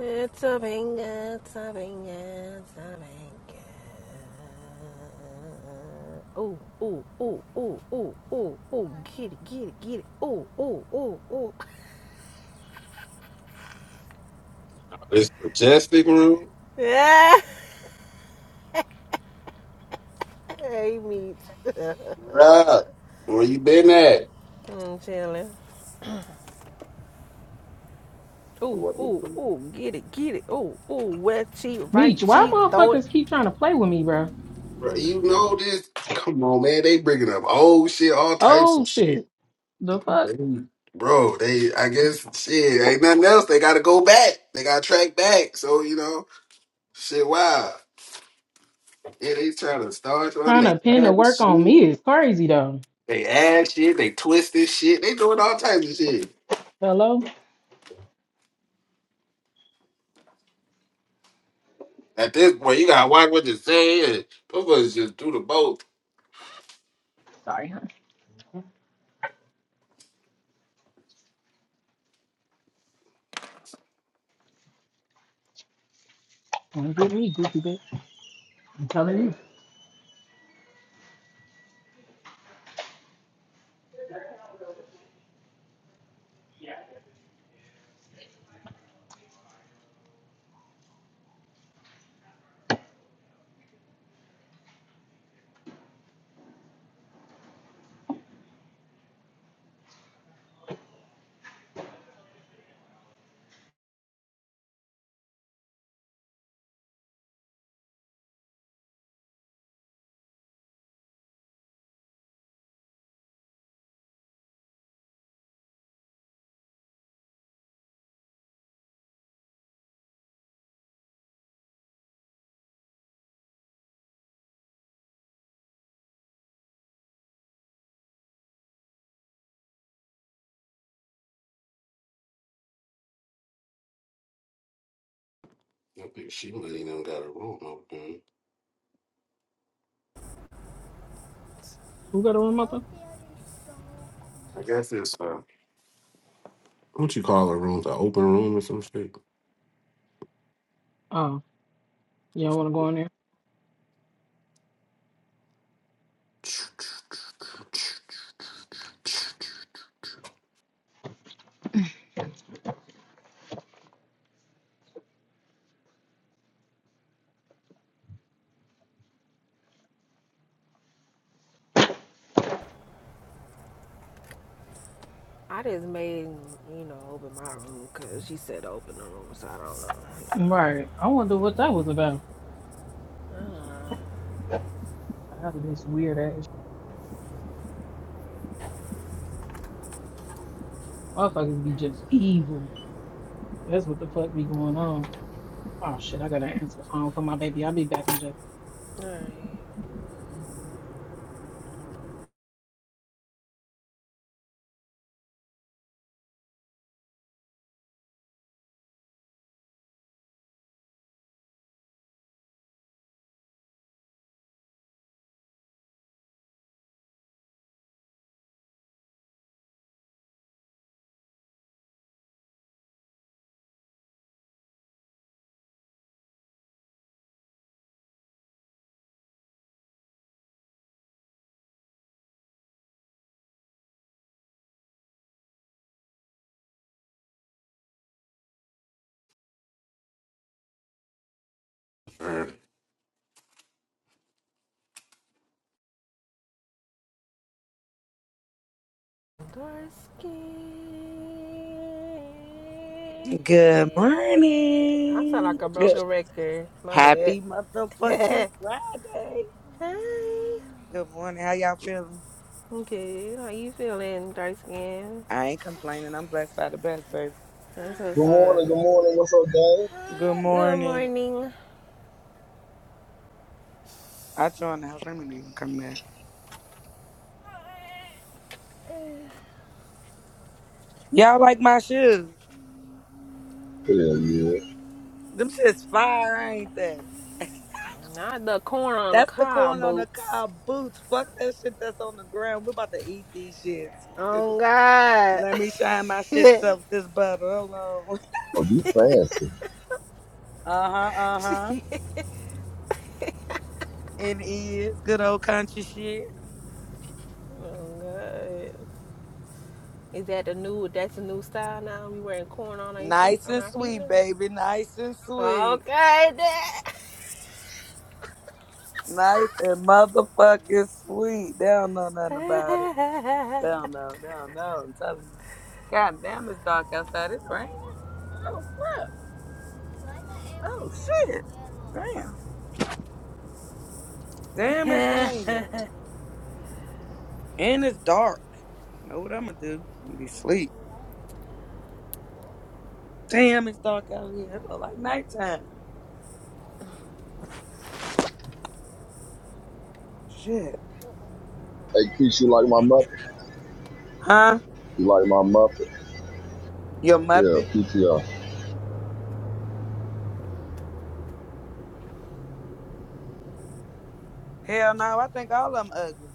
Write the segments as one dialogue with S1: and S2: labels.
S1: It's a bing, it's a bing, it's a bing. Oh, oh, oh, oh, oh, oh, oh, get it, get it, get it. Oh, oh, oh, oh.
S2: This majestic room,
S1: Yeah, hey, me.
S2: bruh. Where you been at?
S1: I'm chilling.
S2: I
S1: Oh,
S2: wasn't
S1: oh,
S2: from-
S1: oh, get it, get it. Oh, oh, left cheek, right
S3: Meech, why
S1: cheek, throw it.
S3: motherfuckers keep trying to play with me, bro?
S2: Bruh, you know this. Come on, man. They bringing up old shit, all types
S3: Oh
S2: of shit.
S3: shit. The fuck?
S2: Bro, they. I guess shit ain't nothing else. They got to go back. They got to track back. So you know, shit. Wow. Yeah, they trying to start something.
S3: Trying
S2: They
S3: to pin the
S2: add
S3: work on
S2: shit.
S3: me is crazy though.
S2: They add shit. They twist this shit. They doing all types of shit.
S3: Hello?
S2: At this point, you gotta watch what you say. and Motherfuckers just do the boat.
S3: Sorry, huh? Wanna get me, goofy bitch. I'm telling you.
S2: I think she ain't even got a room open.
S3: Who got a room up there?
S2: I guess it's uh, what you call a room? an open room or some shit?
S3: Oh, you don't wanna go in there?
S1: I just made, you know, open my room because she said open the room, so I don't know. You
S3: Right. I wonder what that was about. Out of this weird ass motherfuckers be just evil. That's what the fuck be going on. Oh shit, I gotta answer the phone for my baby. I'll be back in just
S1: know. All right.
S2: Or-
S1: Dark skin.
S4: Good
S1: I sound
S4: morning.
S1: like a
S4: Good.
S1: broken record. My bad.
S4: Happy motherfucking Friday.
S1: Hi.
S4: Good morning. How y'all feeling?
S1: Okay, how you feeling, dark skin?
S4: I ain't complaining. I'm blessed by the best, baby.
S1: That's
S5: Good
S1: what's
S5: morning,
S1: up.
S5: good morning. What's up, gang?
S4: Good
S1: Good
S4: morning.
S1: morning.
S4: I joined the house. Let me even come back. Y'all like my shoes?
S5: Hell yeah.
S4: Them shit's fire, ain't they?
S1: Not the corn on the
S4: That's the
S1: cob
S4: corn on the
S1: boots.
S4: cob boots. Fuck that shit that's on the ground. We're about to eat these shits.
S1: Oh God.
S4: Let me shine my
S1: oh
S4: shits up with this butter. Hold on.
S5: Oh, you fancy.
S4: Uh huh, uh huh. It is good old country shit.
S1: God. Is that the new? That's the new style now. We wearing corn on our feet
S4: Nice
S1: on
S4: and
S1: our feet
S4: sweet, baby. Nice and
S1: now.
S4: sweet.
S1: Okay. Dad.
S4: Nice and motherfucking sweet. They don't know nothing about it.
S1: mm.
S4: They don't know. They don't know. I'm telling you. God damn, it's dark outside. It's raining. Oh, what? Oh, shit. Damn. Damn, it's raining. And it's dark. Know what I'm going to do? I'm gonna be sleep. Damn, it's dark out here. It look like nighttime. Shit.
S5: Hey, Keith, you like my Muppet?
S4: Huh?
S5: You like my Muppet?
S4: Your
S5: Yeah,
S4: Muppet?
S5: PTR.
S4: Hell no. I think all of them ugly.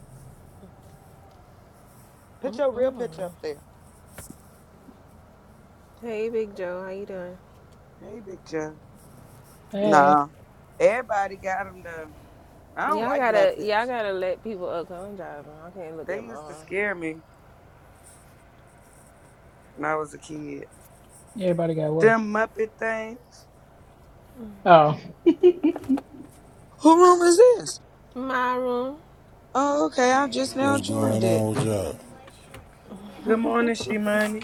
S4: Put your real picture up there.
S1: hey, Big Joe, how you doing?
S4: Hey, Big Joe.
S3: Hey,
S4: Nah. Everybody got them though. I don't
S1: Y'all
S4: like
S1: gotta, y'all
S4: Muppets.
S1: gotta let people up. i I'm driving. I can't look
S4: They
S1: at my
S4: used to
S1: room.
S4: scare me when I was a kid.
S3: everybody got what?
S4: Them Muppet things.
S3: Oh.
S6: Who room is this?
S1: My room.
S6: Oh, okay. I just now
S7: What's going
S6: joined it.
S7: on with y'all?
S4: Good morning, she money.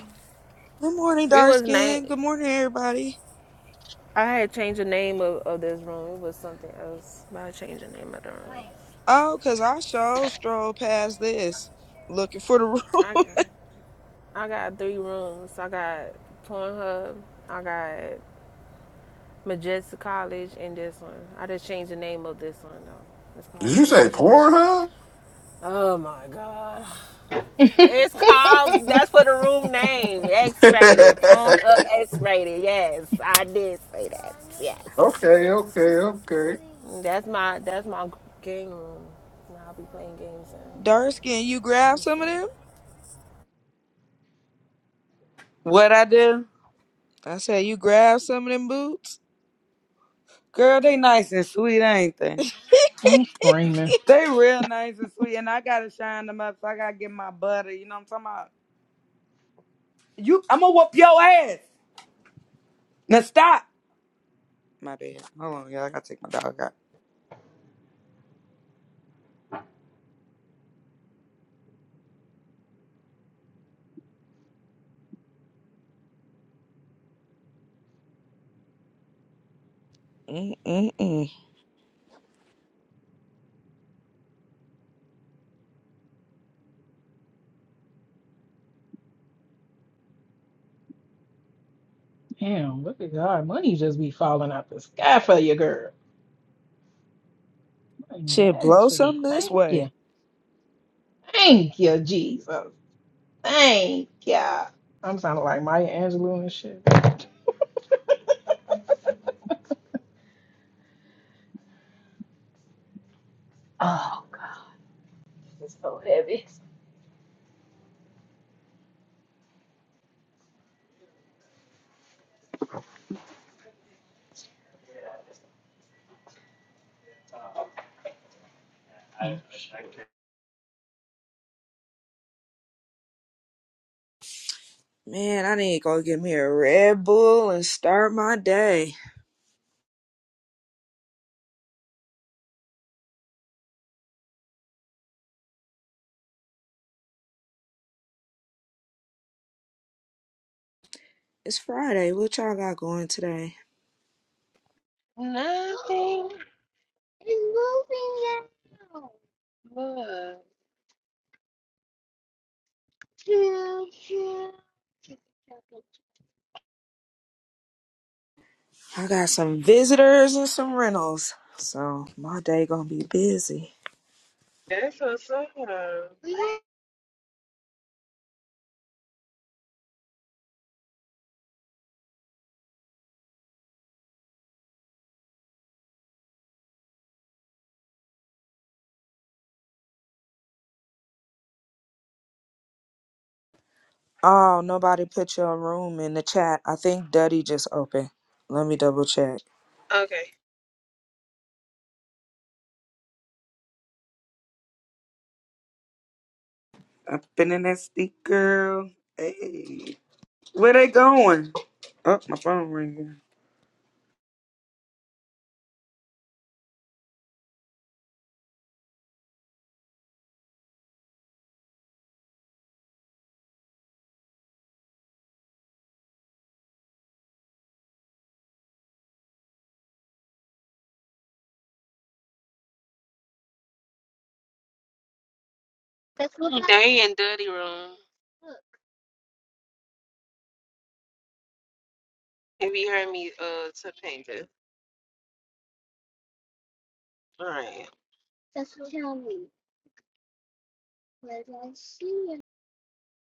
S6: Good morning,
S1: It
S6: dark
S1: was
S6: skin.
S1: night.
S6: Good morning, everybody.
S1: I had changed the name of, of this room. It was something else, but I changed the name of the room.
S6: Oh, cause I sure strolled past this looking for the room.
S1: I, I got three rooms. I got Pornhub. I got Majestic College and this one. I just changed the name of this one though. It's called
S2: Did
S1: the
S2: you say
S1: Dungeon.
S2: Pornhub?
S1: Oh my God. It's called. That's for the room name. X-rated. Pornhub up X-rated. Yes, I did say that. Yes.
S2: okay, okay, okay.
S1: That's my. That's my game room. I'll be playing games in
S6: Dark skin, you grab some
S1: instead
S6: of
S1: of.
S6: them?
S4: What I do?
S6: I said, you grab some of them boots?
S4: Girl, they nice and sweet, ain't they?
S3: I'm screaming.
S4: They real nice and sweet, and I gotta shine them up. So I gotta get my butter. You know what I'm talking about? You, I'm gonna whoop your ass. Now stop. My bad. Hold on, y'all. I gotta take my dog out.
S6: Mm-mm-mm.
S3: Damn, look at God. Money just be falling out the sky for you, girl. I didn't even
S6: Shit,
S3: ask
S6: blow
S3: for this.
S6: some this
S3: Thank you.
S6: way.
S3: Thank you, Jesus. Thank you. I'm sounding like Maya Angelou and shit. Oh, God, it's so heavy.
S6: Man, I need to go get me a Red Bull and start my day. It's Friday. What y'all got going today?
S1: Nothing is moving now. Look. Choo, choo.
S6: I got some visitors and some rentals. So my day gonna be busy. Oh, nobody put your room in the chat. I think Duddy just opened. Let me double check.
S4: I've been in that steep girl. Hey, where they going? Oh, my phone ringing.
S1: That's They in dirty room. If you heard me, uh, to paint it. All right. That's what tell me.